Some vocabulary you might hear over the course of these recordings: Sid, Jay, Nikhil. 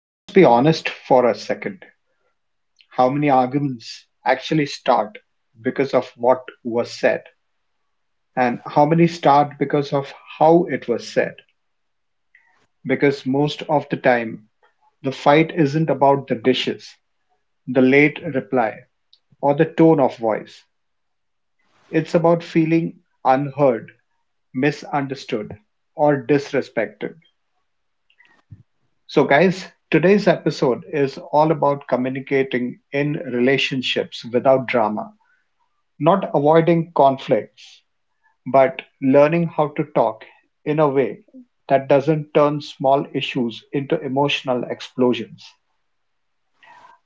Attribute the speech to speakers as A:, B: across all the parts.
A: Let's be honest for a second. How many arguments actually start because of what was said? And how many start because of how it was said? Because most of the time, the fight isn't about the dishes, the late reply, or the tone of voice. It's about feeling unheard, misunderstood, or disrespected. So, guys, today's episode is all about communicating in relationships without drama. Not avoiding conflicts, but learning how to talk in a way that doesn't turn small issues into emotional explosions.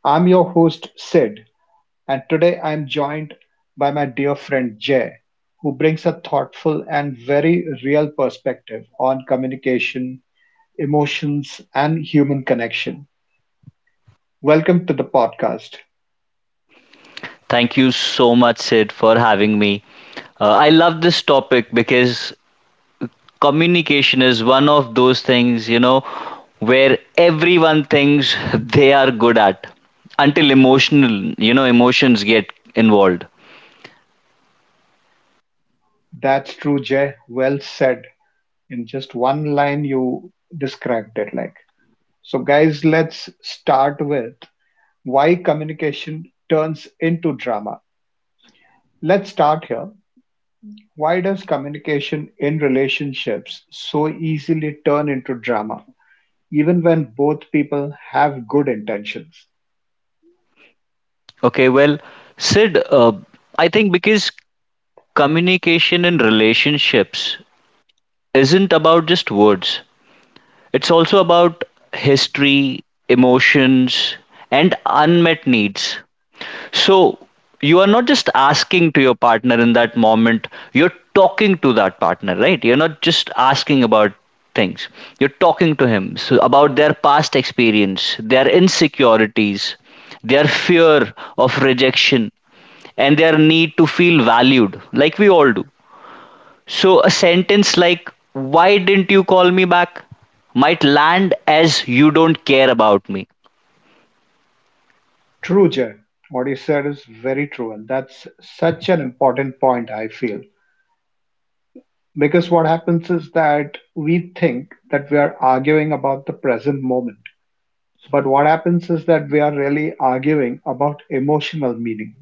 A: I'm your host, Sid, and today I'm joined by my dear friend Jay, who brings a thoughtful and very real perspective on communication, emotions, and human connection. Welcome to the podcast.
B: Thank you so much, Sid, for having me. I love this topic because communication is one of those things, you know, where everyone thinks they are good at until emotional, you know, emotions get involved.
A: That's true, Jay. Well said. In just one line, you described it like. So, guys, let's start with why communication turns into drama. Let's start here. Why does communication in relationships so easily turn into drama, even when both people have good intentions?
B: Okay, well, Sid, I think because communication in relationships isn't about just words, it's also about history, emotions, and unmet needs. So you are not just asking to your partner in that moment, you're talking to that partner, right? You're not just asking about things. You're talking to him so about their past experience, their insecurities, their fear of rejection, and their need to feel valued, like we all do. So a sentence like, "Why didn't you call me back?" might land as "you don't care about me."
A: True, Jay. What you said is very true, and that's such an important point, I feel. Because what happens is that we think that we are arguing about the present moment. But what happens is that we are really arguing about emotional meaning.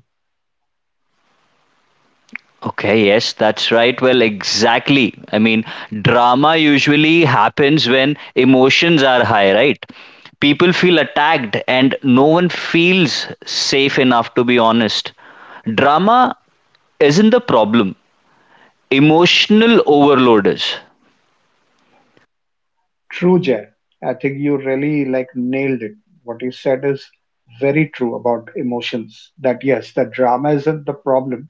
B: Okay, yes, that's right. Well, exactly. I mean, drama usually happens when emotions are high, right? People feel attacked and no one feels safe enough, to be honest. Drama isn't the problem, emotional overload is.
A: True, Jay. I think you really like nailed it. What you said is very true about emotions. That, yes, the drama isn't the problem.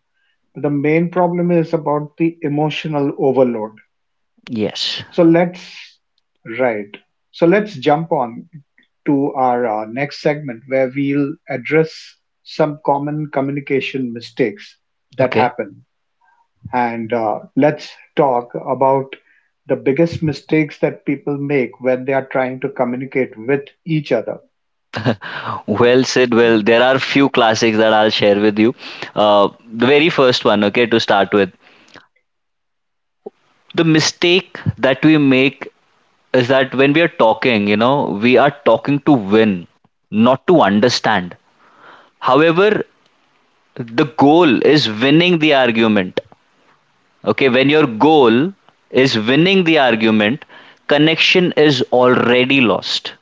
A: The main problem is about the emotional overload.
B: Yes.
A: So let's Right. So let's jump on to our next segment where we'll address some common communication mistakes that
B: Okay.
A: happen, and let's talk about the biggest mistakes that people make when they are trying to communicate with each other.
B: Well said. Well, there are few classics that I'll share with you. The very first one, okay, to start with. The mistake that we make is that when we are talking, you know, we are talking to win, not to understand. However, the goal is winning the argument. Okay, when your goal is winning the argument, connection is already lost.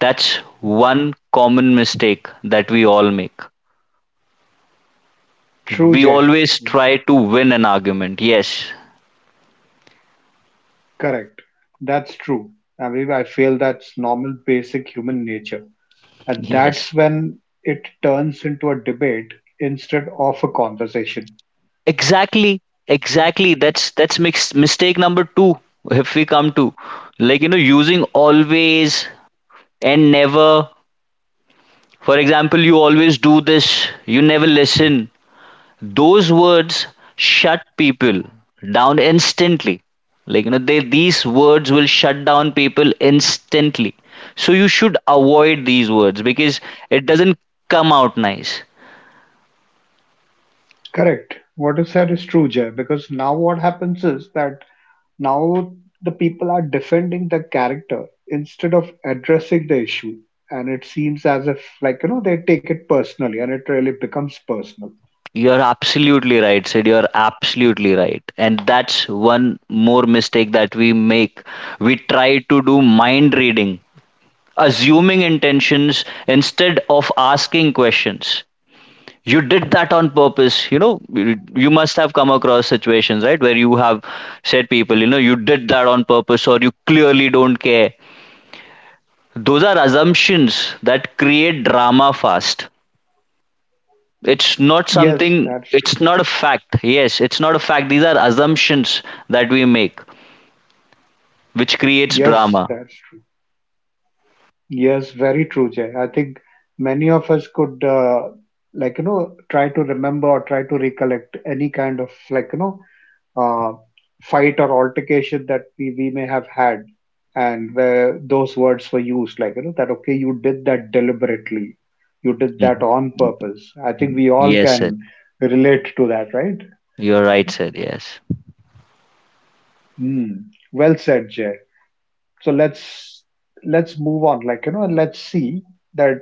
B: That's one common mistake that we all make.
A: True,
B: We
A: Jay.
B: always try to win an argument. Yes,
A: Correct. That's true. I mean, I feel that's normal, basic human nature. And that's
B: yes.
A: when it turns into a debate instead of a conversation.
B: Exactly, exactly. That's mistake number two. If we come to, like you know, using always and never. For example, you always do this. You never listen. Those words shut people down instantly. Like you know, they these words will shut down people instantly. So you should avoid these words because it doesn't come out nice.
A: Correct. What is said is true, Jay, because now what happens is that, now the people are defending the character instead of addressing the issue. And it seems as if, like, you know, they take it personally and it really becomes personal.
B: You're absolutely right, Sid. You're absolutely right. And that's one more mistake that we make. We try to do mind reading, assuming intentions instead of asking questions. You did that on purpose. You know, you must have come across situations, right, where you have said people, you know, you did that on purpose or you clearly don't care. Those are assumptions that create drama fast. It's not
A: Yes,
B: something,
A: that's true.
B: it's not a fact. Yes, it's not a fact. These are assumptions that we make which creates
A: Yes,
B: drama.
A: that's true. Yes, very true, Jay. I think many of us could, like, try to remember or try to recollect any kind of, like, uh, fight or altercation that we may have had, and where those words were used, like that, okay, you did that deliberately, you did that
B: Mhm.
A: on purpose. I think we all
B: Yes, sir.
A: can relate to that, right?
B: You're right, sir. Yes,
A: Hmm. Well said, Jay. So let's move on, like, and let's see that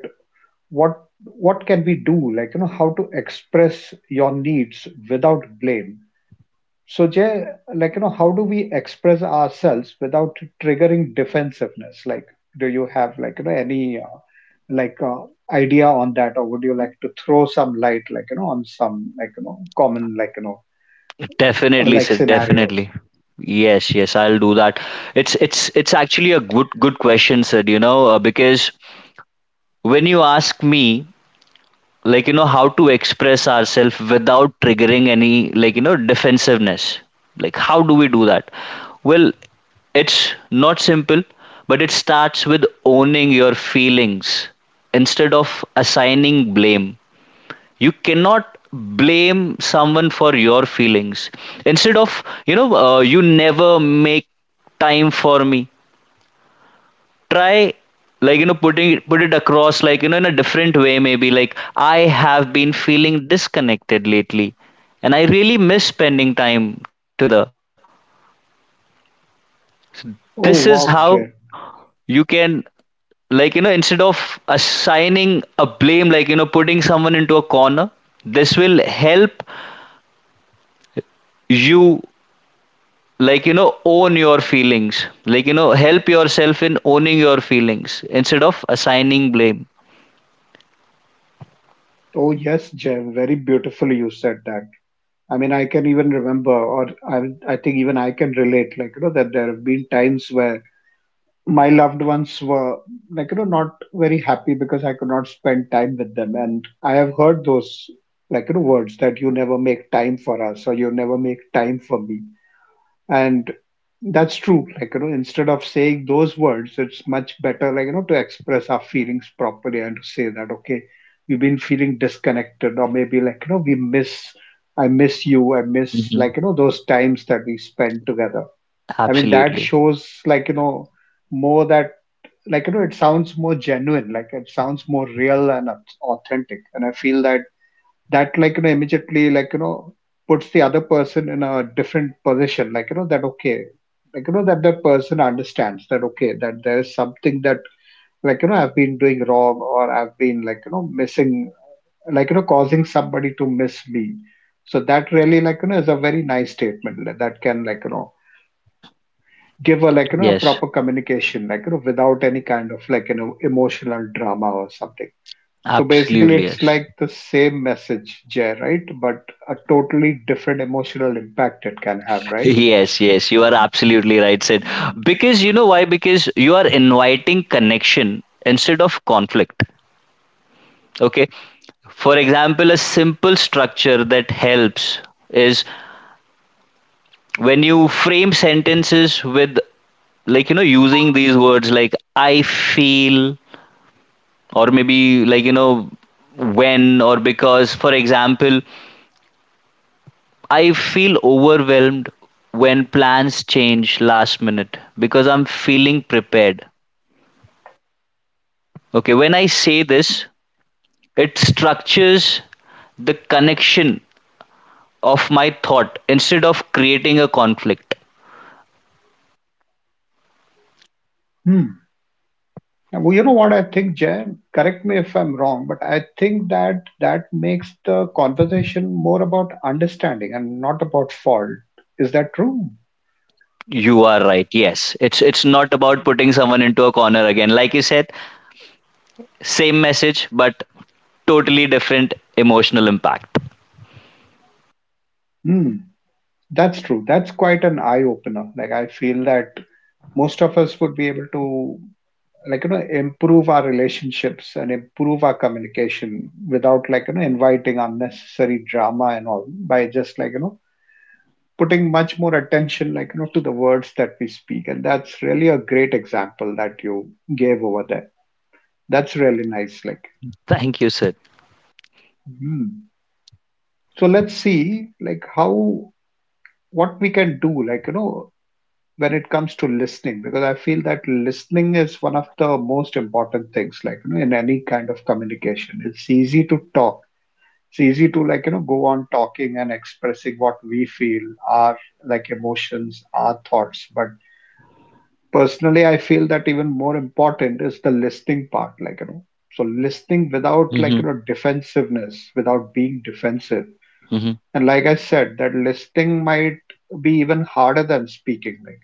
A: what can we do, like, how to express your needs without blame. So, Jay, like, you know, how do we express ourselves without triggering defensiveness? Like, do you have, like, you know, any like idea on that, or would you like to throw some light, like, you know, on some, like, you know, common, like,
B: definitely,
A: like,
B: sir, definitely.
A: scenarios?
B: Yes, yes, I'll do that. It's actually a good question, sir. You know, because when you ask me, like you know, how to express ourselves without triggering any, like you know, defensiveness, like how do we do that, well, it's not simple, but it starts with owning your feelings instead of assigning blame. You cannot blame someone for your feelings. Instead of, you know, you never make time for me, try, like you know, put it across, like you know, in a different way, maybe like, I have been feeling disconnected lately and I really miss spending time together.
A: Oh,
B: This is
A: wow,
B: how
A: Jay.
B: you can, like you know, instead of assigning a blame, like you know, putting someone into a corner, this will help you, like you know, own your feelings, like you know, help yourself in owning your feelings instead of assigning blame.
A: Oh, yes, Jay. Very beautifully you said that. I mean, I can even remember, or I think even I can relate, like, you know, that there have been times where my loved ones were, like, not very happy because I could not spend time with them, and I have heard those, like, words that you never make time for us, or you never make time for me. And that's true, like, instead of saying those words, it's much better, like, to express our feelings properly and to say that, okay, we've been feeling disconnected, or maybe, like, we miss. I miss you. I miss,
B: Hmm,
A: like, those times that we spent together. I mean, that
B: absolutely.
A: shows, like, more that, like, it sounds more genuine, like, it sounds more real and authentic. And I feel that that, like, immediately, like, puts the other person in a different position, like, that, okay, like, that that person understands that, okay, that there is something that, like, I've been doing wrong, or I've been, like, missing, like, causing somebody to miss me. So that really, like, is a very nice statement, like, that can, like, give a, like, a
B: Yes.
A: proper communication, like, without any kind of, like, emotional drama or something. So basically
B: Absolutely,
A: it's
B: yes.
A: like the same message, Jay, right? But a totally different emotional impact it can have, right?
B: Yes, yes, you are absolutely right, Sid. Because you know why? Because you are inviting connection instead of conflict. Okay. For example, a simple structure that helps is when you frame sentences with, like, you know, using these words like I feel, or maybe, like, you know, when, or because. For example, I feel overwhelmed when plans change last minute because I'm feeling prepared. Okay, when I say this, it structures the connection of my thought instead of creating a conflict.
A: Hmm. Well, you know what I think, Jay? Correct me if I'm wrong, but I think that that makes the conversation more about understanding and not about fault. Is that true?
B: You are right. Yes, it's not about putting someone into a corner again. Like you said, same message but totally different emotional impact.
A: Hmm. That's true. That's quite an eye-opener. Like, I feel that most of us would be able to, like, improve our relationships and improve our communication without, like, inviting unnecessary drama and all, by just, like, putting much more attention, like, to the words that we speak. And that's really a great example that you gave over there. That's really nice, like.
B: Thank you, Sid.
A: Hmm. So let's see, like, how what we can do, like, when it comes to listening, because I feel that listening is one of the most important things, like, in any kind of communication. It's easy to talk, it's easy to, like, go on talking and expressing what we feel, our, like, emotions, our thoughts. But personally I feel that even more important is the listening part, like, you know. So listening without, like,
B: Hmm.
A: defensiveness, without being defensive.
B: Hmm.
A: And like I said, that listening might be even harder than speaking, like.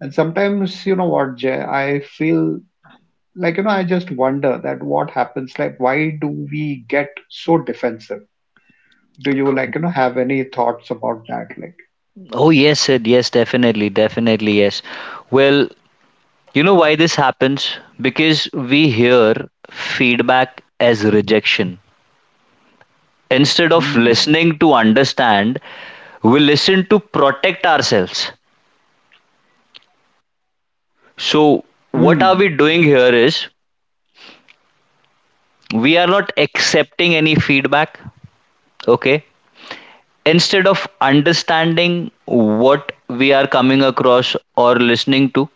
A: And sometimes, you know what, Jay, I feel, like, I just wonder that what happens, like, why do we get so defensive? Do you, like, have any thoughts about that, like?
B: Oh yes, Sid. Yes, definitely, definitely yes. Well, you know why this happens? Because we hear feedback as rejection. Instead of
A: Hmm.
B: listening to understand, we listen to protect ourselves. So, what are we
A: Hmm.
B: doing here is we are not accepting any feedback, okay? Instead of understanding what we are coming across or listening to,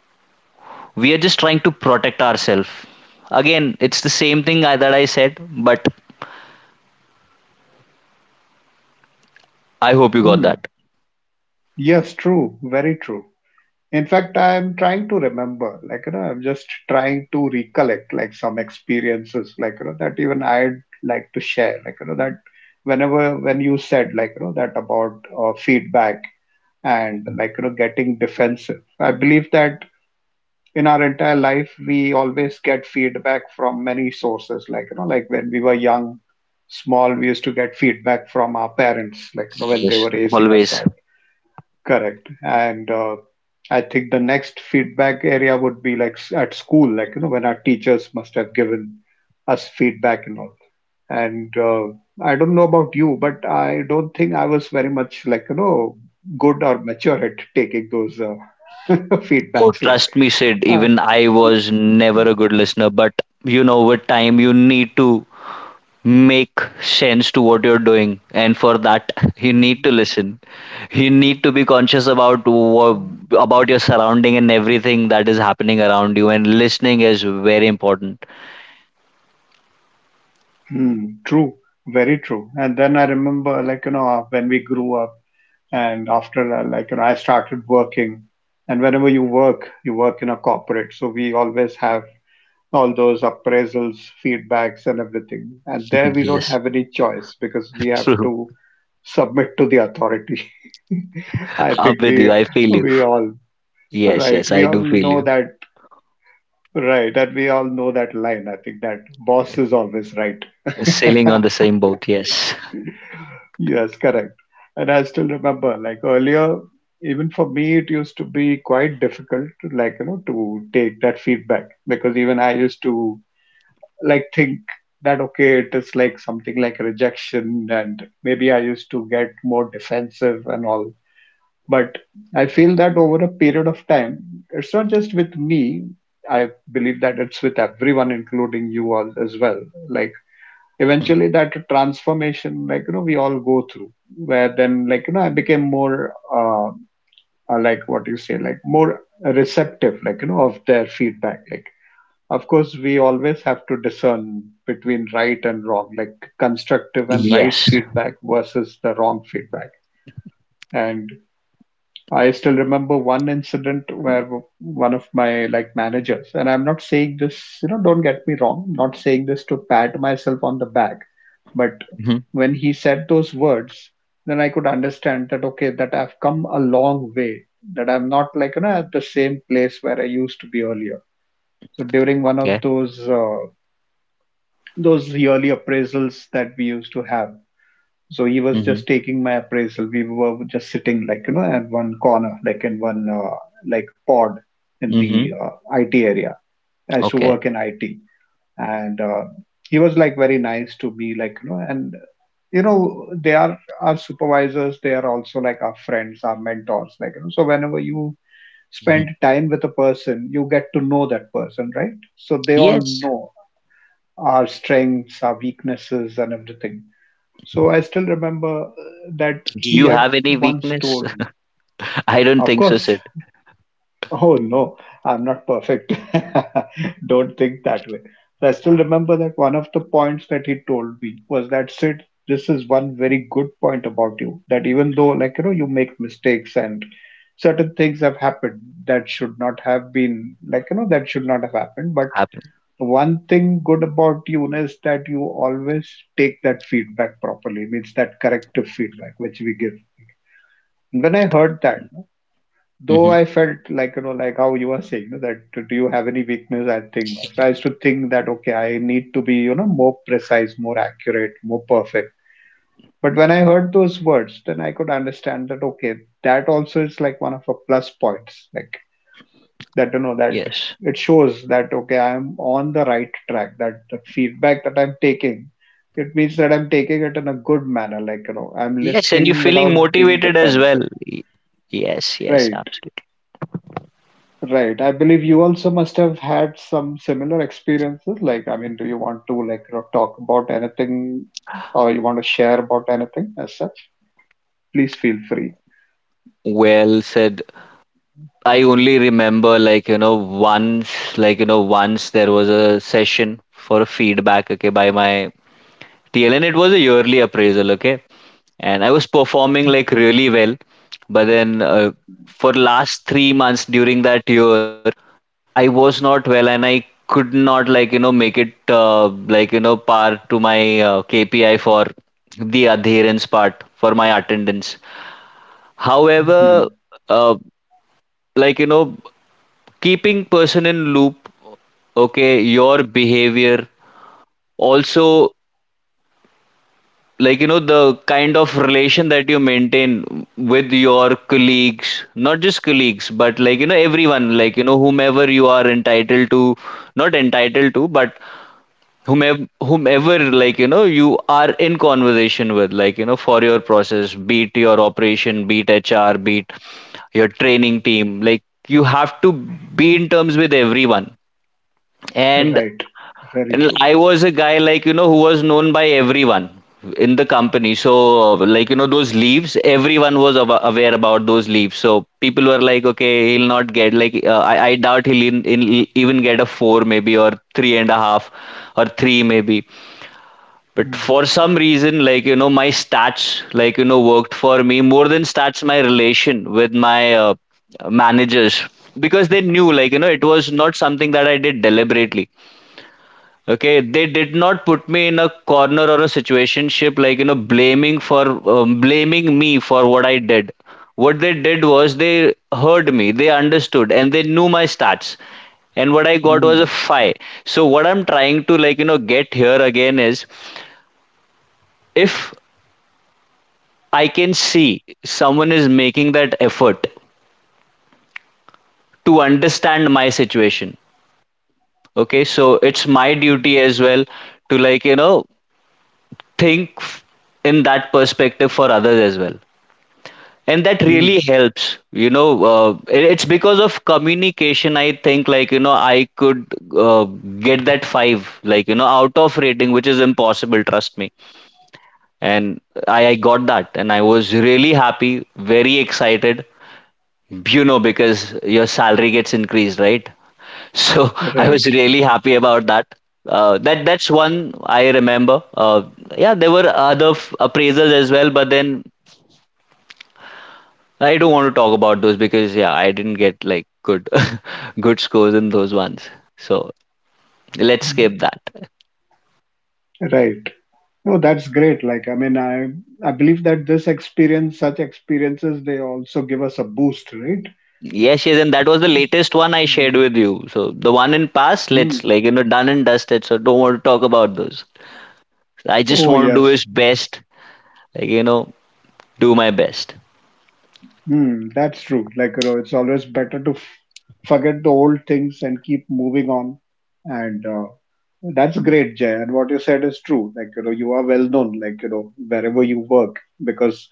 B: we are just trying to protect ourselves. Again, it's the same thing that I said, but I hope you got
A: Hmm.
B: that.
A: Yes, true, very true. In fact, I am trying to remember, like, I'm just trying to recollect, like, some experiences, like, that even I'd like to share, like, that whenever when you said, like, that about feedback and, like, getting defensive, I believe that in our entire life we always get feedback from many sources, like, like when we were young, small, we used to get feedback from our parents, like, you know, when they
B: Yes,
A: were raising us
B: always.
A: up. Correct. And I think the next feedback area would be like at school, like, when our teachers must have given us feedback and all. And I don't know about you, but I don't think I was very much, like, good or mature at taking those
B: Oh,
A: feedbacks, like
B: trust me, Sid,
A: uh,
B: even I was never a good listener, but you know, with time, you need to make sense to what you're doing, and for that, you need to listen. You need to be conscious about about your surrounding and everything that is happening around you, and listening is very important.
A: Hmm, true, very true. And then I remember, like, you know, when we grew up and after, like, you know, I started working. And whenever you work in a corporate. So we always have all those appraisals, feedbacks, and everything. And there we don't
B: Yes,
A: have any choice because we have
B: true.
A: to submit to the authority. I
B: Up
A: think
B: with
A: we
B: you. I feel you.
A: we all
B: Yes,
A: right.
B: yes,
A: We
B: I
A: all
B: do feel
A: know
B: you.
A: that, right, and we all know that line. I think that boss is always right.
B: Sailing on the same boat. Yes,
A: Yes, correct. And I still remember, like, earlier, even for me, it used to be quite difficult, to, like, you know, to take that feedback, because even I used to, like, think that, okay, it is like something like rejection, and maybe I used to get more defensive and all. But I feel that over a period of time, it's not just with me. I believe that it's with everyone, including you all as well. Like, eventually that transformation, like, we all go through, where then, like, I became more, uh, like, what you say, like, more receptive, like, of their feedback, like. Of course we always have to discern between right and wrong, like constructive and right
B: yes.
A: feedback versus the wrong feedback. And, I still remember one incident where one of my, like, managers, and I'm not saying this, you know, don't get me wrong, I'm not saying this to pat myself on the back, but
B: Hmm.
A: when he said those words, then I could understand that, okay, that I've come a long way, that I'm not, like, at the same place where I used to be earlier. So during one of
B: Okay.
A: those yearly appraisals that we used to have, so he was just
B: Hmm.
A: taking my appraisal. We were just sitting, like, at one corner, like in one like pod in
B: Hmm.
A: the IT area. I used to
B: Okay.
A: work in IT, and he was like very nice to me, like you know, and you know they are our supervisors. They are also like our friends, our mentors, like you know. So whenever you
B: Mhm.
A: spend time with a person, you get to know that person, right? So they all
B: Yes.
A: know our strengths, our weaknesses, and everything, so I still remember that
B: Do
A: he
B: you
A: had
B: have any
A: once
B: weakness?
A: told me,
B: I don't
A: of
B: think so,
A: course,
B: Sid.
A: oh no, I'm not perfect. Don't think that way. So I still remember that one of the points that he told me was that, Sid, this is one very good point about you that, even though, you make mistakes and certain things have happened that should not have been, that should not have happened. But
B: Happen.
A: one thing good about you is that you always take that feedback properly, means that corrective feedback which we give. When I heard that, no, though
B: Hmm.
A: I felt like, you know, like how you are saying no, that do you have any weakness? I think not. So I used to think that, okay, I need to be, you know, more precise, more accurate, more perfect. But when I heard those words, then I could understand that, okay, that also is like one of our plus points. Like that you know that
B: Yes.
A: it shows that, okay, I am on the right track, that the feedback that I'm taking, it means that I'm taking it in a good manner, like you know, I'm
B: Yes, and you're
A: listening
B: feeling
A: without being
B: motivated as well.
A: defensive.
B: Y- Yes, yes,
A: Right.
B: absolutely.
A: Right, I believe you also must have had some similar experiences, like I mean, do you want to like you know, talk about anything or you want to share about anything as such? Please feel free.
B: Well said. I only remember, like, you know, once, like, you know, once there was a session for a feedback, okay, by my TL, and it was a yearly appraisal, okay. And I was performing like really well. But then for last 3 months during that year, I was not well and I could not, like you know, make it, like you know, par to my KPI for the adherence part for my attendance. However,
A: Hmm.
B: uh, like you know, keeping person in loop, okay, your behavior also, like you know, the kind of relation that you maintain with your colleagues, not just colleagues but, like you know, everyone, like you know, whomever you are entitled to, not entitled to, but whomever, like you know, you are in conversation with, like you know, for your process, be it your operation, be it HR, be it your training team, like you have to be in terms with everyone. and
A: Right, very
B: and
A: true.
B: I was a guy, like you know, who was known by everyone in the company. So, like you know, those leaves, everyone was aware about those leaves. So people were like, okay, he'll not get like I doubt he'll even get a four maybe, or three and a half, or three maybe. But
A: Mm.
B: for some reason, like you know, my stats, like you know, worked for me more than stats. My relation with my managers, because they knew, like you know, it was not something that I did deliberately. Okay, they did not put me in a corner or a situationship, like you know, blaming for blaming me for what I did. What they did was they heard me, they understood, and they knew my stats. And what I got was a
A: Mm.
B: five. So what I'm trying to, like you know, get here again is, if I can see someone is making that effort to understand my situation, okay, so it's my duty as well to, like you know, think in that perspective for others as well, and that really
A: Mm.
B: helps, you know. uh, it's because of communication, I think, like you know, I could uh, get that 5, like you know, out of rating, which is impossible, trust me. And I got that and I was really happy, very excited, you know, because your salary gets increased, right? So I
A: Right.
B: was really happy about that. That that's one I remember. Yeah, there were other appraisals as well, but then I don't want to talk about those because yeah, I didn't get like good good scores in those ones. So let's skip
A: Mm.
B: that.
A: Right. No, that's great. Like, I mean, I believe that this experience, such experiences, they also give us a boost, right?
B: Yes, yes, and that was the latest one I shared
A: Mm.
B: with you. So the one in past,
A: Hmm.
B: let's, like you know, done and dusted. So don't want to talk about those. I just
A: Oh
B: want to do is
A: yes.
B: best, like you know, do my best.
A: Hmm. That's true. Like, you know, it's always better to f forget the old things and keep moving on. And that's great, Jay. And what you said is true. Like, you know, you are well known, like, you know, wherever you work, because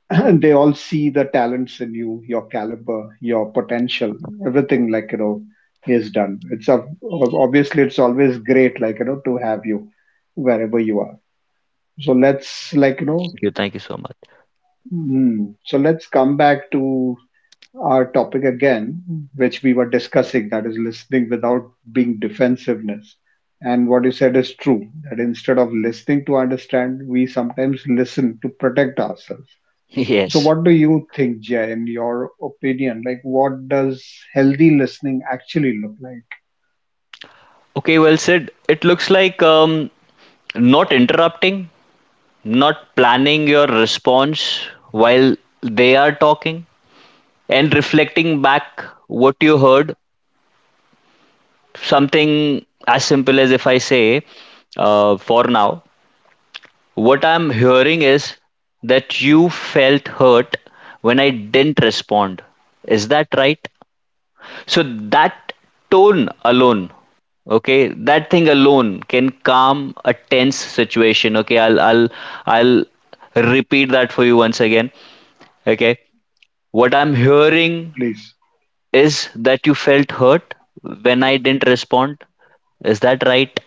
A: they all see the talents in you, your caliber, your potential, everything like you know is done. Obviously it's always great, like you know, to have you wherever you are. So let's like you know,
B: Thank you so much.
A: hmm, so let's come back to our topic again, which we were discussing. That is listening without being defensiveness. And what you said is true, that instead of listening to understand, we sometimes listen to protect ourselves. So,
B: Yes.
A: what do you think, Jay, in your opinion? Like, what does healthy listening actually look like,
B: Okay, well said. It looks like not interrupting, not planning your response while they are talking, and reflecting back what you heard. Something as simple as if I say, for now, what I'm hearing is that you felt hurt when I didn't respond. Is that right? So that tone alone, okay, that thing alone can calm a tense situation. Okay, I'll repeat that for you once again. Okay, what I'm hearing
A: please?
B: is that you felt hurt when I didn't respond. Is that right?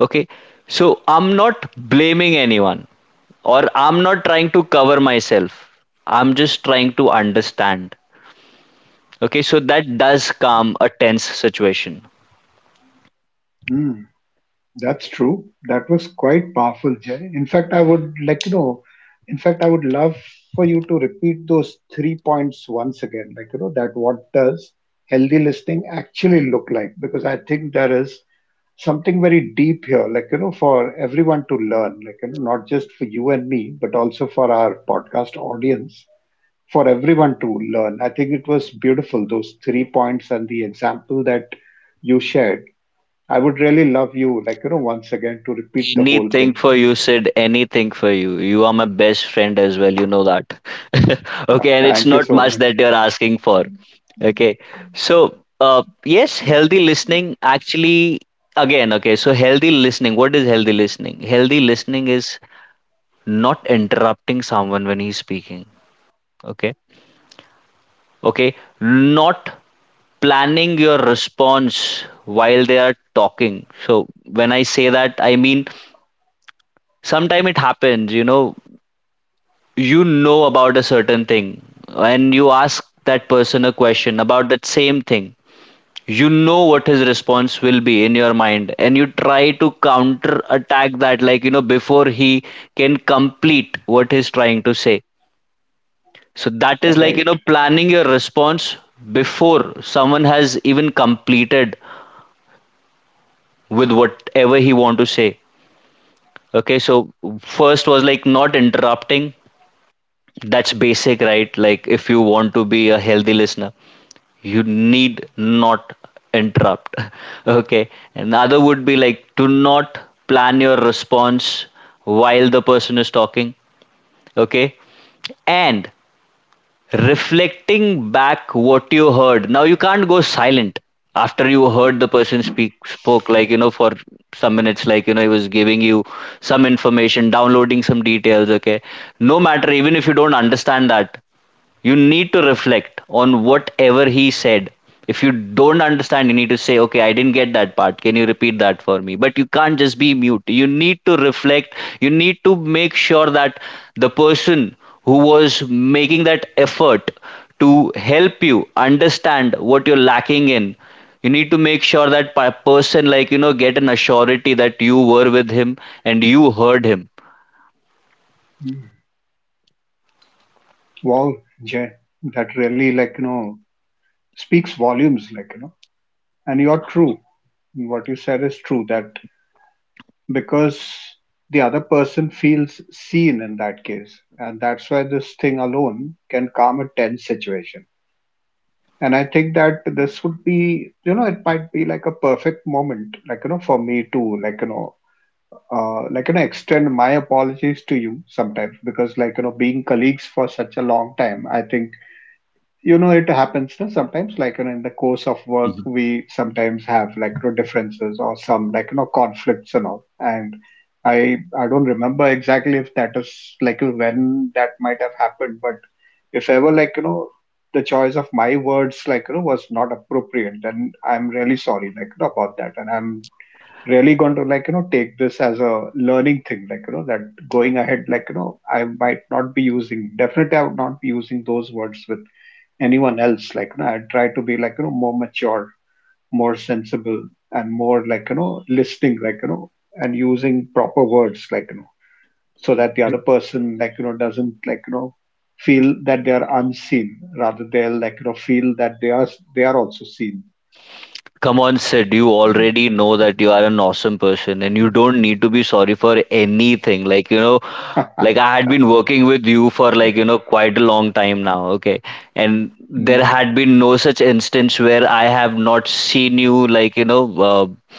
B: Okay, so I'm not blaming anyone or I'm not trying to cover myself. I'm just trying to understand. Okay, so that does calm a tense situation.
A: Hmm, that's true. That was quite powerful, Jay. In fact, I would like, you know, in fact, I would love for you to repeat those three points once again. Like, you know, that what does healthy listening actually look like? Because I think there is something very deep here, like, you know, for everyone to learn, like, you know, not just for you and me, but also for our podcast audience. For everyone to learn. I think it was beautiful, those three points and the example that you shared. I would really love you, like, you know, once again to repeat the whole
B: Anything
A: thing.
B: for you, Sid. Anything for you. You are my best friend as well. You know that. Okay, and it's
A: Thank you
B: not
A: so
B: much
A: much.
B: that you're asking for. Okay, yes, healthy listening actually, again, healthy listening. What is healthy listening? Healthy listening is not interrupting someone when he's speaking. Okay, okay, not planning your response while they are talking. So when I say that, I mean sometimes it happens, you know about a certain thing, and you ask that person a question about that same thing. You know what his response will be in your mind, and you try to counter attack that, before he can complete what he's trying to say. So that is
A: Right.
B: planning your response before someone has even completed with whatever he want to say. Okay, so first was like not interrupting. That's basic, right? Like if you want to be a healthy listener, you need not interrupt. Okay, another would be like, do not plan your response while the person is talking. Okay, and reflecting back what you heard. Now you can't go silent after you heard the person speak spoke, for some minutes. He was giving you some information, downloading some details. Okay, no matter even if you don't understand that, you need to reflect on whatever he said. If you don't understand, you need to say, okay, I didn't get that part, can you repeat that for me? But you can't just be mute. You need to reflect. You need to make sure that the person who was making that effort to help you understand what you're lacking in, you need to make sure that person, get an assurity that you were with him and you heard him.
A: Mm. Wow, Jay, that really, like, you know, speaks volumes, like, you know, and you're true. What you said is true, that because the other person feels seen in that case, and that's why this thing alone can calm a tense situation. And I think that this would be, you know, it might be like a perfect moment, like, you know, for me to, like, you know, extend my apologies to you sometimes because, like, you know, being colleagues for such a long time, I think, you know, it happens no, sometimes, like, you know, in the course of work, we sometimes have, like, you know, differences or some, like, you know, conflicts and all. And I don't remember exactly if that is, like, when that might have happened, but if ever like you know the choice of my words like you know was not appropriate, then I'm really sorry, like you know, about that, and I'm really going to like you know take this as a learning thing, like you know, that going ahead like you know I might not be using, definitely I would not be using those words with anyone else. Like you know, I try to be like you know more mature, more sensible, and more like you know listening, like you know, and using proper words like you know, so that the other person like you know doesn't like you know feel that they are unseen, rather they'll like you know feel that they are, they are also seen.
B: Come on, Sid, you
A: Mm.
B: already know that you are an awesome person and you don't need to be sorry for anything. Like I had been working with you for, quite a long time now, okay? And there
A: Mm,
B: had been no such instance where I have not seen you,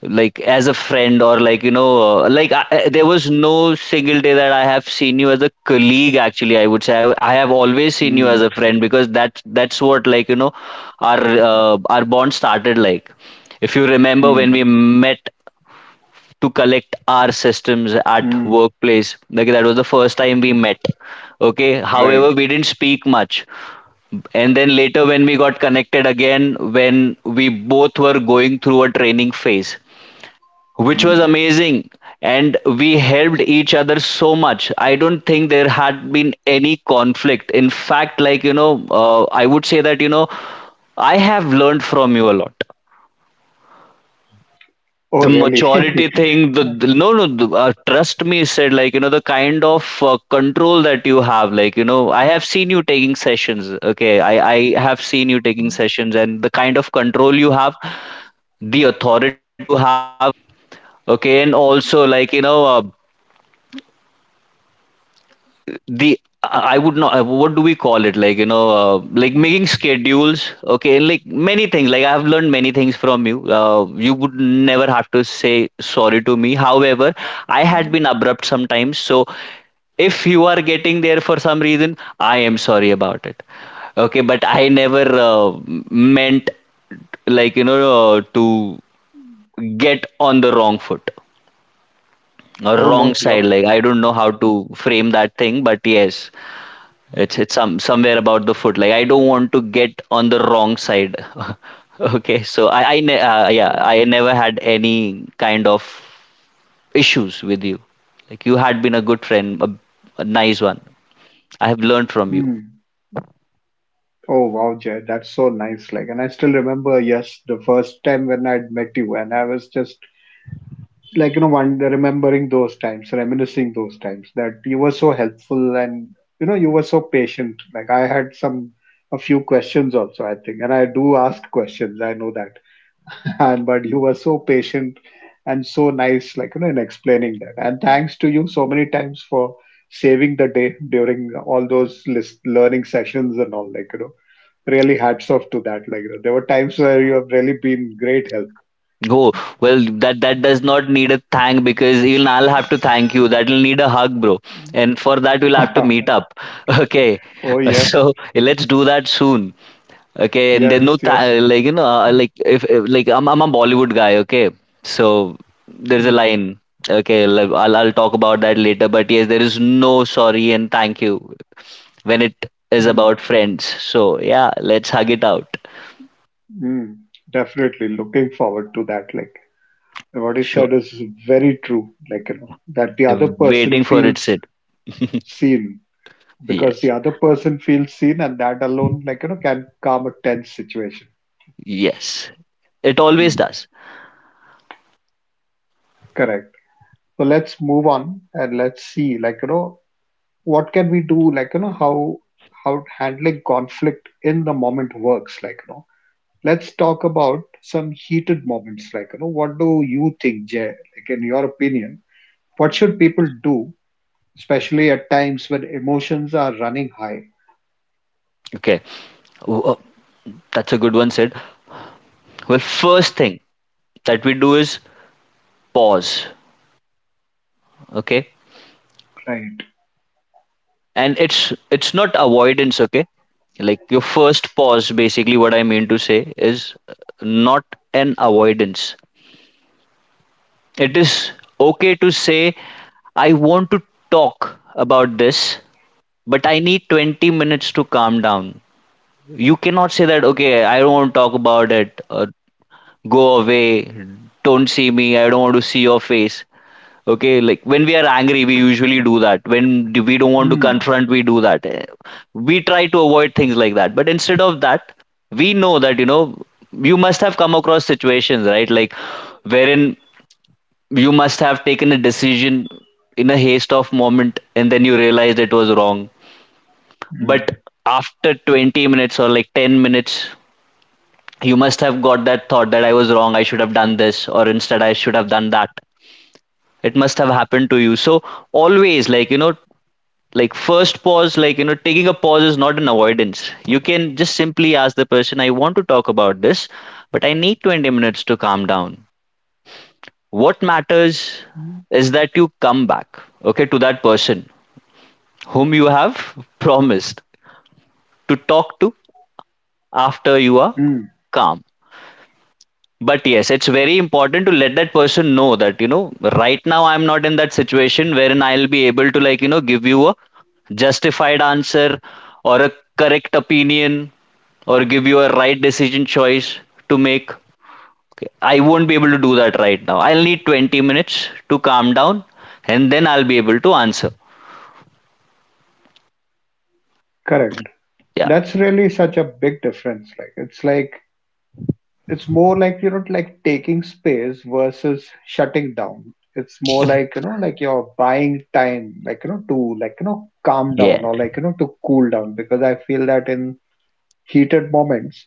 B: like as a friend, or like there was no single day that I have seen you as a colleague. Actually, I would say I have always seen you
A: mm,
B: as a friend, because that's what our our bond started like. If you remember when
A: mm,
B: we met to collect our systems at
A: mm.
B: workplace, like that was the first time we met. Okay,
A: Right.
B: however, we didn't speak much. And then later when we got connected again, when we both were going through a training phase, which was
A: Mm.
B: amazing, and we helped each other so much, I don't think there had been any conflict. In fact, I would say that, you know, I have learned from you a lot. The
A: Oh really?
B: maturity thing, the no no the, trust me, said the kind of control that you have. I have seen you taking sessions. Okay, I have seen you taking sessions, and the kind of control you have, the authority you have. Okay, and also, the I would not, what do we call it, like making schedules. Okay, and like many things, like I have learned many things from you. You would never have to say sorry to me. However, I had been abrupt sometimes, so if you are getting there for some reason, I am sorry about it. Okay, but I never uh, meant, to get on the wrong foot or
A: Oh
B: wrong
A: no, yep.
B: side. Like I don't know how to frame that thing, but yes, it's somewhere about the foot. Like I don't want to get on the wrong side. Okay, so yeah, I never had any kind of issues with you. Like you had been a good friend, a nice one. I have learned from you.
A: Mm. Oh wow, Jay, that's so nice. Like, and I still remember, yes, the first time when I'd met you, and I was just like you know one remembering those times, reminiscing those times, that you were so helpful and you know you were so patient. Like, I had some a few questions also, I think, and I do ask questions, I know that. And but you were so patient and so nice, like you know, in explaining that. And thanks to you so many times for saving the day during all those list learning sessions and all, like you know, really hats off to that, like you know, there were times where you have really been great help.
B: Oh, well, that that does not need a thank, because even I'll have to thank you. That'll need a hug, bro. And for that we'll have to meet up. Okay,
A: Oh yes.
B: so let's do that soon. Okay, and
A: Yes,
B: then no
A: yes.
B: ta-
A: Mm,
B: like if like I'm a Bollywood guy, okay? So there's
A: mm,
B: a line. Okay, like, I'll talk about that later, but yes, there is no sorry and thank you when it is
A: mm.
B: about friends. So yeah, let's hug it out.
A: Mm. Definitely looking forward to that. Like, what you
B: Sure.
A: said is very true. Like, you know, that the other person
B: Waiting for it,
A: feels
B: Sid.
A: seen because the
B: Yes.
A: other person feels seen, and that alone, like, you know, can calm a tense situation.
B: Yes. It always
A: Mm,
B: does.
A: correct. So let's move on and let's see, like, you know, what can we do? Like, you know, how handling conflict in the moment works. Like, you know. Let's talk about some heated moments. Like, you know, what do you think, Jay? Like, in your opinion, what should people do, especially at times when emotions are running high,
B: Okay. Oh, oh, that's a good one, Sid. Well, first thing that we do is pause. Okay.
A: right?
B: And it's not avoidance. Okay, like your first pause, basically what I mean to say is not an avoidance. It is okay to say, I want to talk about this, but I need 20 minutes to calm down. You cannot say that, okay, I don't want to talk about it, or go away, don't see me, I don't want to see your face. Okay, like when we are angry, we usually do that. When we don't want to
A: Hmm.
B: confront, we do that. We try to avoid things like that. But instead of that, we know that, you know, you must have come across situations, right? Like wherein you must have taken a decision in a haste of moment, and then you realized it was wrong.
A: Hmm.
B: But after 20 minutes, or like 10 minutes, you must have got that thought that I was wrong, I should have done this, or instead I should have done that. It must have happened to you. So always, like first pause, taking a pause is not an avoidance. You can just simply ask the person, I want to talk about this, but I need 20 minutes to calm down. What matters is that you come back, okay, to that person whom you have promised to talk to after you are
A: Hmm.
B: calm. But yes, it's very important to let that person know that, you know, right now I'm not in that situation wherein I'll be able to, give you a justified answer, or a correct opinion, or give you a right decision choice to make. Okay, I won't be able to do that right now. I'll need 20 minutes to calm down, and then I'll be able to answer.
A: Correct.
B: Yeah.
A: That's really such a big difference. Like, it's more like, you know, like taking space versus shutting down. It's more like, you know, like you're buying time, like, you know, to, like, you know, calm down
B: Yeah.
A: or like, you know, to cool down, because I feel that in heated moments,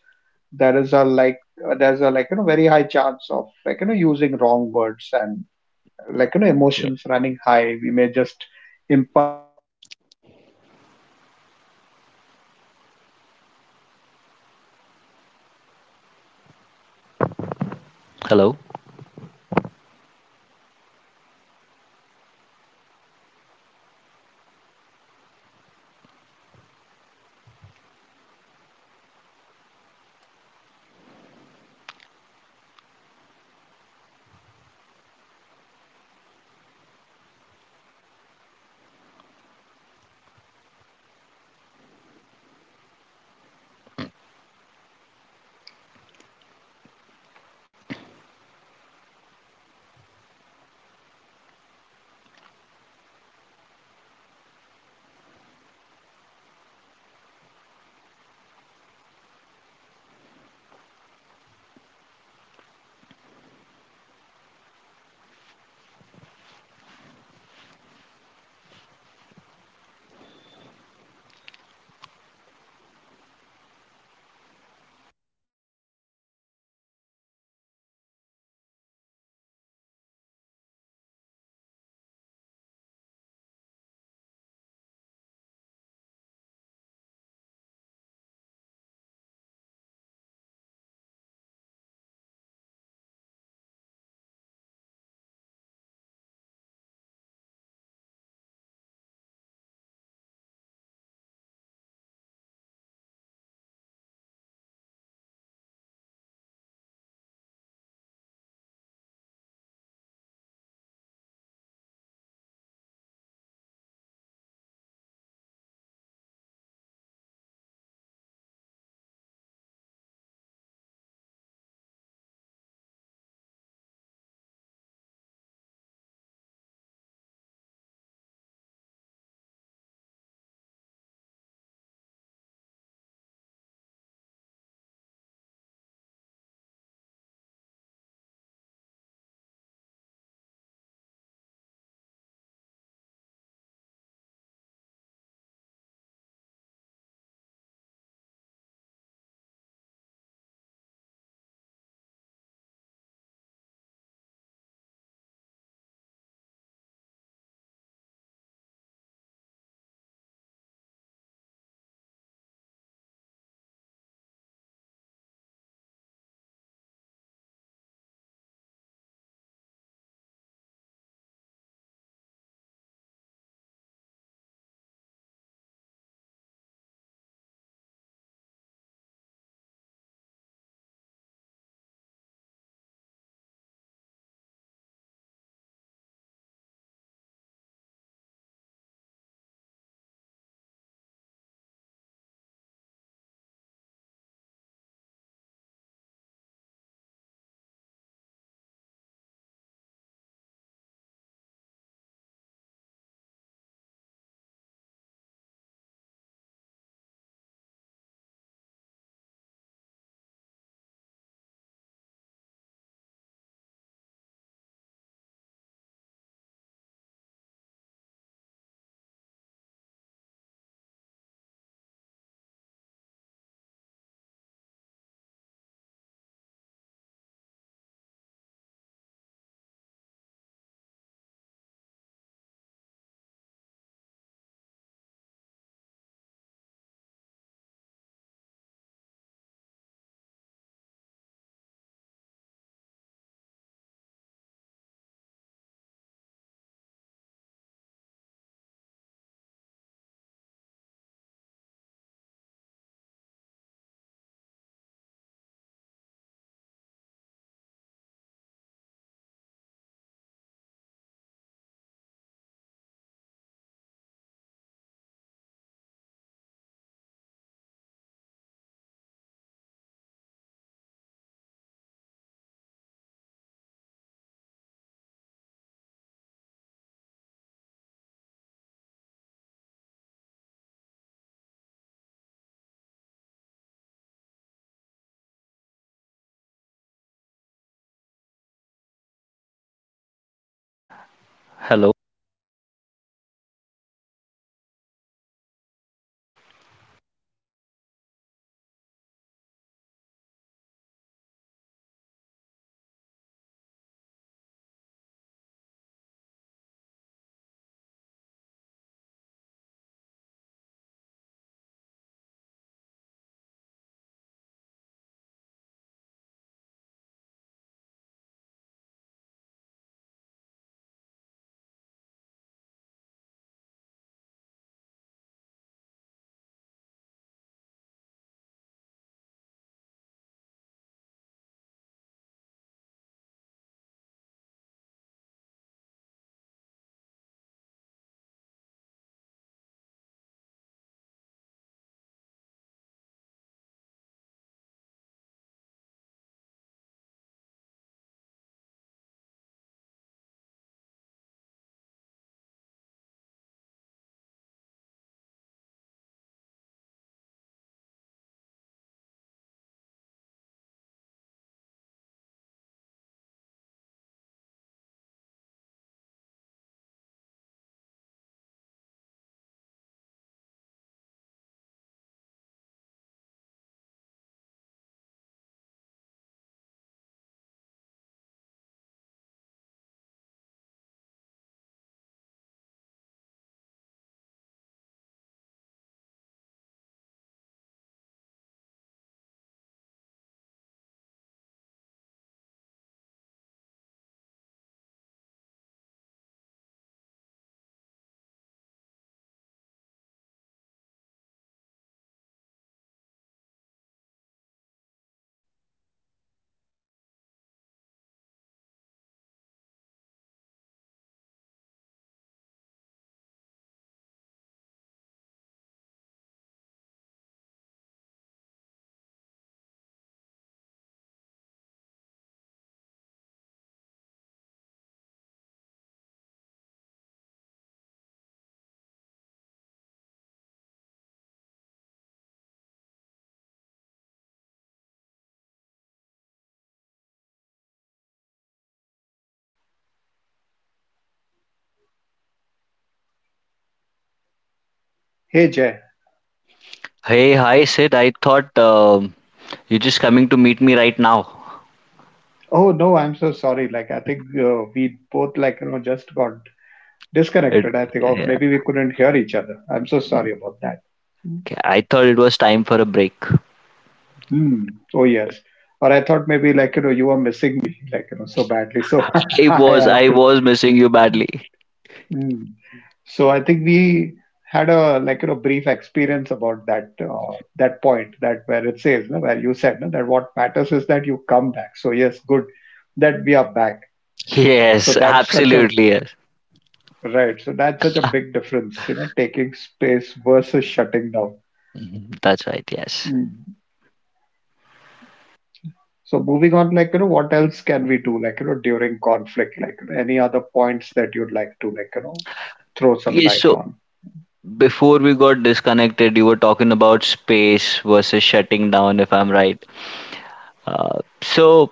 A: there is a like there's a like you know very high chance of like you know using wrong words and like you know
B: Yeah.
A: emotions running.
B: Hello. Hello.
A: Hey Jay.
B: Hey, hi, Sid. I thought you're just coming to meet me right now.
A: Oh no, I'm so sorry. Like I think we both like you know just got
B: It,
A: disconnected. I think, or
B: yeah,
A: maybe we couldn't hear each other. I'm so sorry about that.
B: okay. I thought it was time for a break.
A: Hmm. Oh yes. Or I thought maybe like you know you were missing me like you know so badly, so I had
B: I
A: to.
B: was missing you badly.
A: Hmm. So I think we had a like you know brief experience about that that point, that where it says no, where you said no, that what matters is that you come back. So yes, good that we are back. So
B: Yes,
A: that's such a—
B: absolutely. Yes.
A: Right. So that's such a big difference, you know, taking space versus shutting down.
B: Mhm, that's right. Yes,
A: Mm. So moving on, like, you know, what else can we do, like, you know, during conflict, like, you know, any other points that you'd like to, like, you know, throw some
B: yes.
A: light
B: So
A: on?
B: before we got disconnected, you were talking about space versus shutting down, if I'm right. So,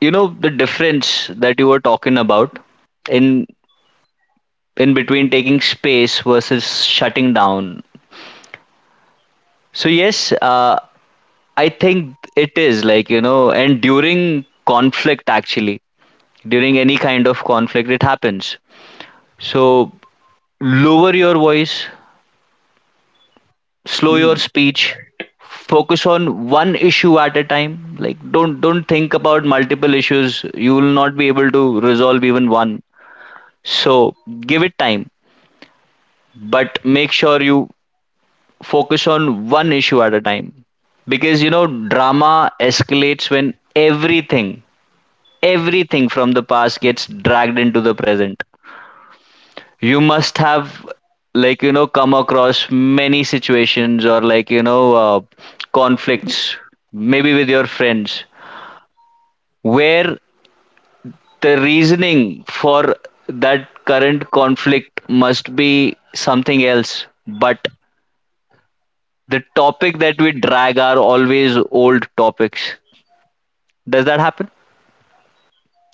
B: you know, the difference that you were talking about in in between taking space versus shutting down. So yes, I think it is like, you know, and during conflict actually, during any kind of conflict, it happens. So lower your voice, slow your
A: Mm.
B: speech, focus on one issue at a time. Like don't think about multiple issues, you will not be able to resolve even one. So give it time, but make sure you focus on one issue at a time. Because you know, drama escalates when everything from the past gets dragged into the present. You must have, come across many situations, or conflicts, maybe with your friends, where the reasoning for that current conflict must be something else, but the topic that we drag are always old topics. Does that happen?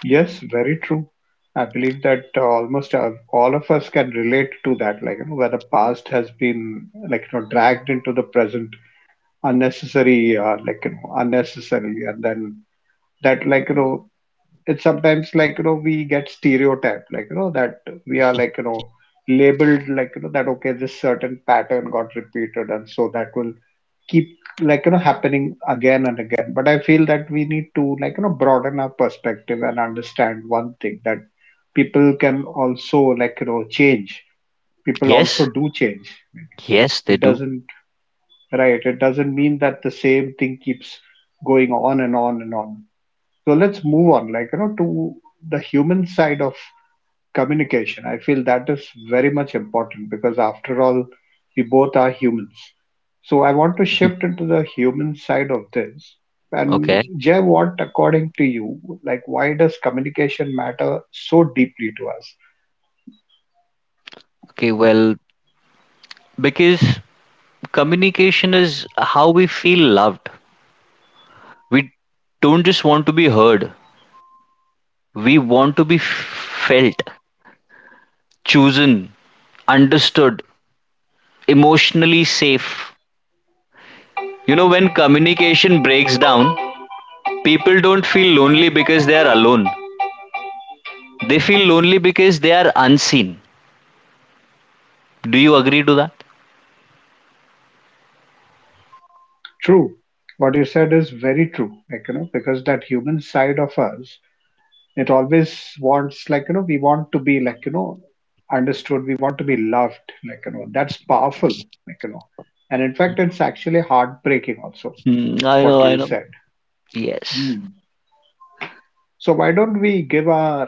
A: Yes, very true. I believe that almost all of us can relate to that, like, you know, where the past has been, like, you know, dragged into the present unnecessary, like, you know, unnecessarily, and then that, like, you know, it's sometimes like you know we get stereotyped, like you know, that we are like you know labeled, like you know, that okay, this certain pattern got repeated and so that will keep like you know happening again and again, but I feel that we need to like you know broaden our perspective and understand one thing, that people can also like you know change, people also
B: Yes,
A: do change,
B: yes, they
A: it
B: do.
A: doesn't— right, it doesn't mean that the same thing keeps going on and on and on. So let's move on like you know to the human side of communication. I feel that is very much important because, after all, we both are humans. So, I want to shift into the human side of this. And,
B: Okay.
A: Jay, what, according to you, like, why does communication matter so deeply to us?
B: Okay, well, because communication is how we feel loved. We don't just want to be heard, we want to be felt, chosen, understood, emotionally safe. You know, when communication breaks down, people don't feel lonely because they are alone. They feel lonely because they are unseen. Do you agree to that?
A: True. What you said is very true, like, you know, because that human side of us, it always wants like you know, we want to be like you know understood, we want to be loved, like you know, that's powerful, like you know. And in fact, it's actually heartbreaking also,
B: Hmm, I
A: what
B: know, I
A: you
B: know.
A: said.
B: Yes.
A: Hmm. So why don't we give our—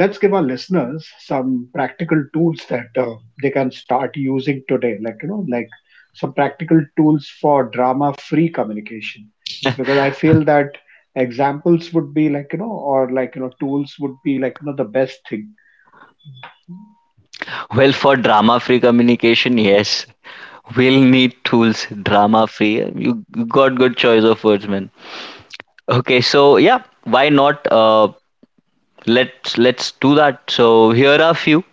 A: let's give our listeners some practical tools that they can start using today, like you know, like some practical tools for drama free communication, because I feel that examples would be like you know, or like you know tools would be like you know the best thing.
B: Well, for drama free communication, yes. We'll need tools, drama free. You got good choice of words, man. Okay, so yeah, why not, let's do that. So here are a few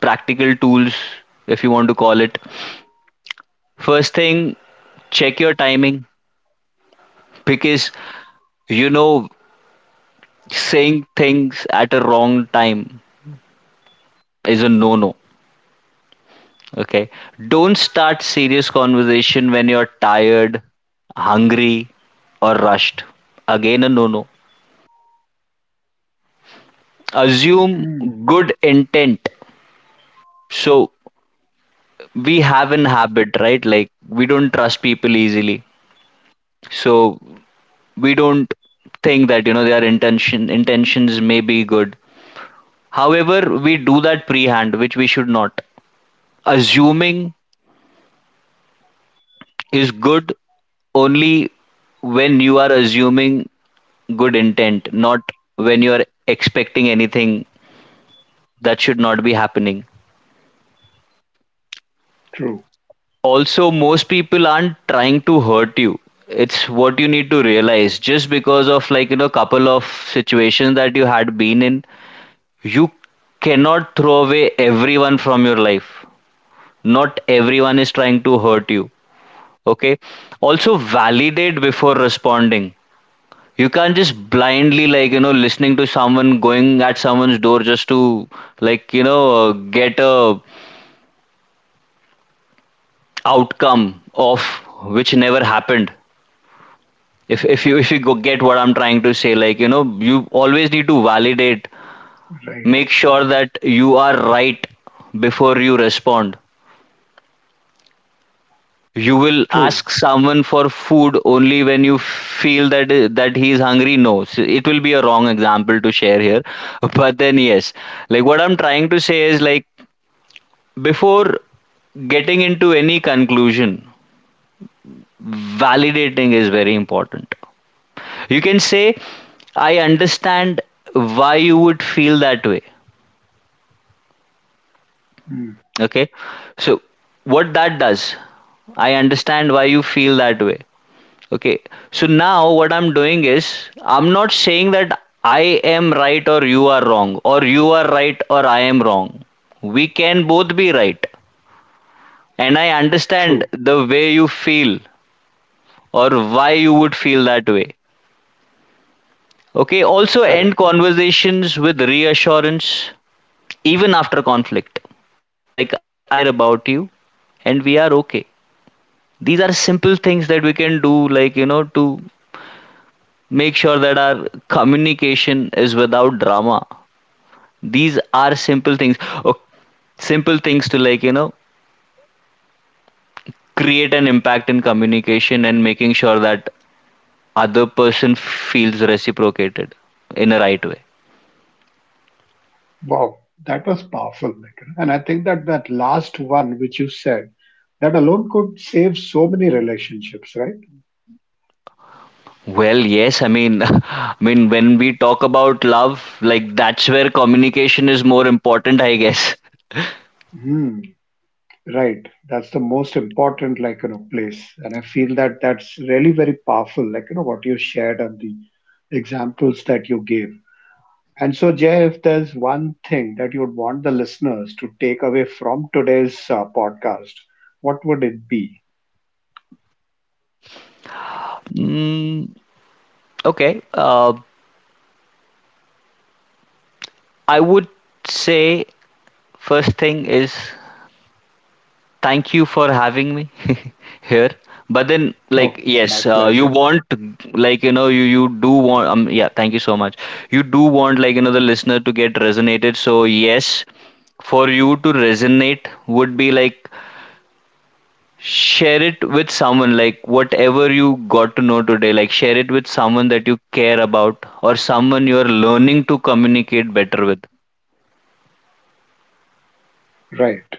B: practical tools, if you want to call it. First thing, check your timing, because you know, saying things at a wrong time is a no no. Okay, don't start serious conversation when you're tired, hungry, or rushed. Again a no no. Assume
A: Mm,
B: good intent. So we have an habit, right? Like we don't trust people easily. So we don't think that, you know, their intentions may be good. However, we do that prehand, which we should not. Assuming is good only when you are assuming good intent, not when you are expecting anything. That should not be happening.
A: true,
B: Also, most people aren't trying to hurt you. It's what you need to realize. Just because of, couple of situations that you had been in, you cannot throw away everyone from your life. Not everyone is trying to hurt you. Okay. Also, validate before responding. You can't just blindly, like, you know, listening to someone going at someone's door just to, like, you know, get a outcome of which never happened. If you if you go get what I'm trying to say, like you know, you always need to validate,
A: right.
B: make sure that you are right before you respond. You will
A: True.
B: ask someone for food only when you feel that he is hungry. No, so it will be a wrong example to share here, but then yes, like what I'm trying to say is, like before getting into any conclusion, validating is very important. You can say, I understand why you would feel that way.
A: Mm,
B: Okay. So what that does, I understand why you feel that way. Okay. So now what I'm doing is, I'm not saying that I am right or you are wrong, or you are right or I am wrong. We can both be right. And I understand
A: true.
B: the way you feel, or why you would feel that way. Okay. Also, end
A: Correct.
B: conversations with reassurance, even after conflict. Like, I care about you and we are okay. These are simple things that we can do, to make sure that our communication is without drama. These are simple things. Oh, simple things to, create an impact in communication and making sure that other person feels reciprocated in a right way.
A: Wow, that was powerful, Nikhil. And I think that that last one which you said, that alone could save so many relationships, right?
B: Well, yes, I mean, I mean, when we talk about love, like that's where communication is more important, I guess.
A: Hmm. Right. That's the most important, like you know, place. And I feel that that's really very powerful, like you know, what you shared, and the examples that you gave. And so, Jay, if there's one thing that you would want the listeners to take away from today's podcast, what would it be?
B: Mm, okay, I would say first thing is, thank you for having me here. But then
A: Oh,
B: like
A: it's my
B: yes, you
A: pleasure.
B: want, you you do want, yeah, thank you so much. You do want, the listener to get resonated. So yes, for you to resonate would be like, share it with someone, like whatever you got to know today, like share it with someone that you care about, or someone you are learning to communicate better with.
A: Right,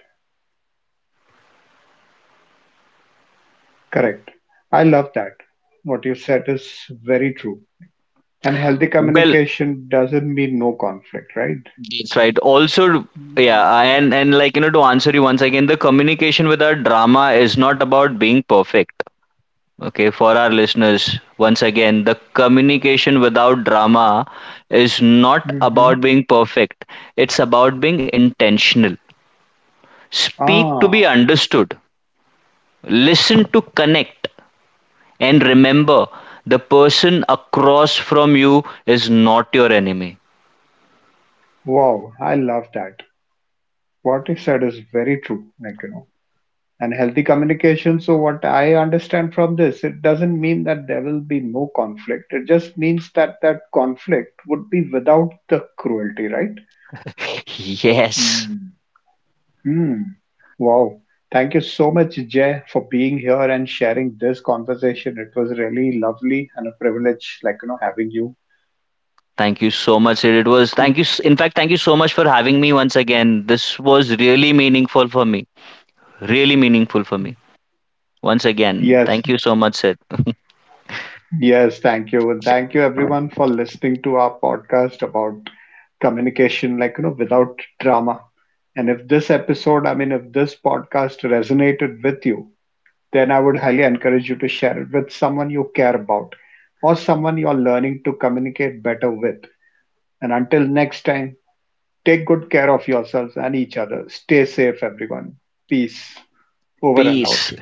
A: correct. I love that. What you said is very true. And healthy
B: Well,
A: communication doesn't mean no conflict, right?
B: that's right. Also, yeah, and like you know, to answer you once again, the communication with our drama is not about being perfect. Okay, for our listeners, once again, the communication without drama is not
A: Mm-hmm.
B: about being perfect. It's about being intentional. Speak to be
A: Ah,
B: understood. Listen to connect. And remember, the person across from you is not your enemy.
A: wow, I love that. What you said is very true, like, you know, and healthy communication. So, what I understand from this, it doesn't mean that there will be no conflict. It just means that that conflict would be without the cruelty, right?
B: Yes.
A: Mm. Hmm. Wow. Thank you so much, Jay, for being here and sharing this conversation. It was really lovely and a privilege, like, you know, having you.
B: Thank you so much, Sid. It was
A: Mm.
B: thank you. In fact, thank you so much for having me once again. This was really meaningful for me. Really meaningful for me. Once again,
A: Yes.
B: thank you so much, Sid.
A: Yes. Thank you. And thank you, everyone, for listening to our podcast about communication, like, you know, without drama. And if this episode, I mean, if this podcast resonated with you, then I would highly encourage you to share it with someone you care about or someone you're learning to communicate better with. And until next time, take good care of yourselves and each other. Stay safe, everyone. Peace. Over and out.
B: Peace.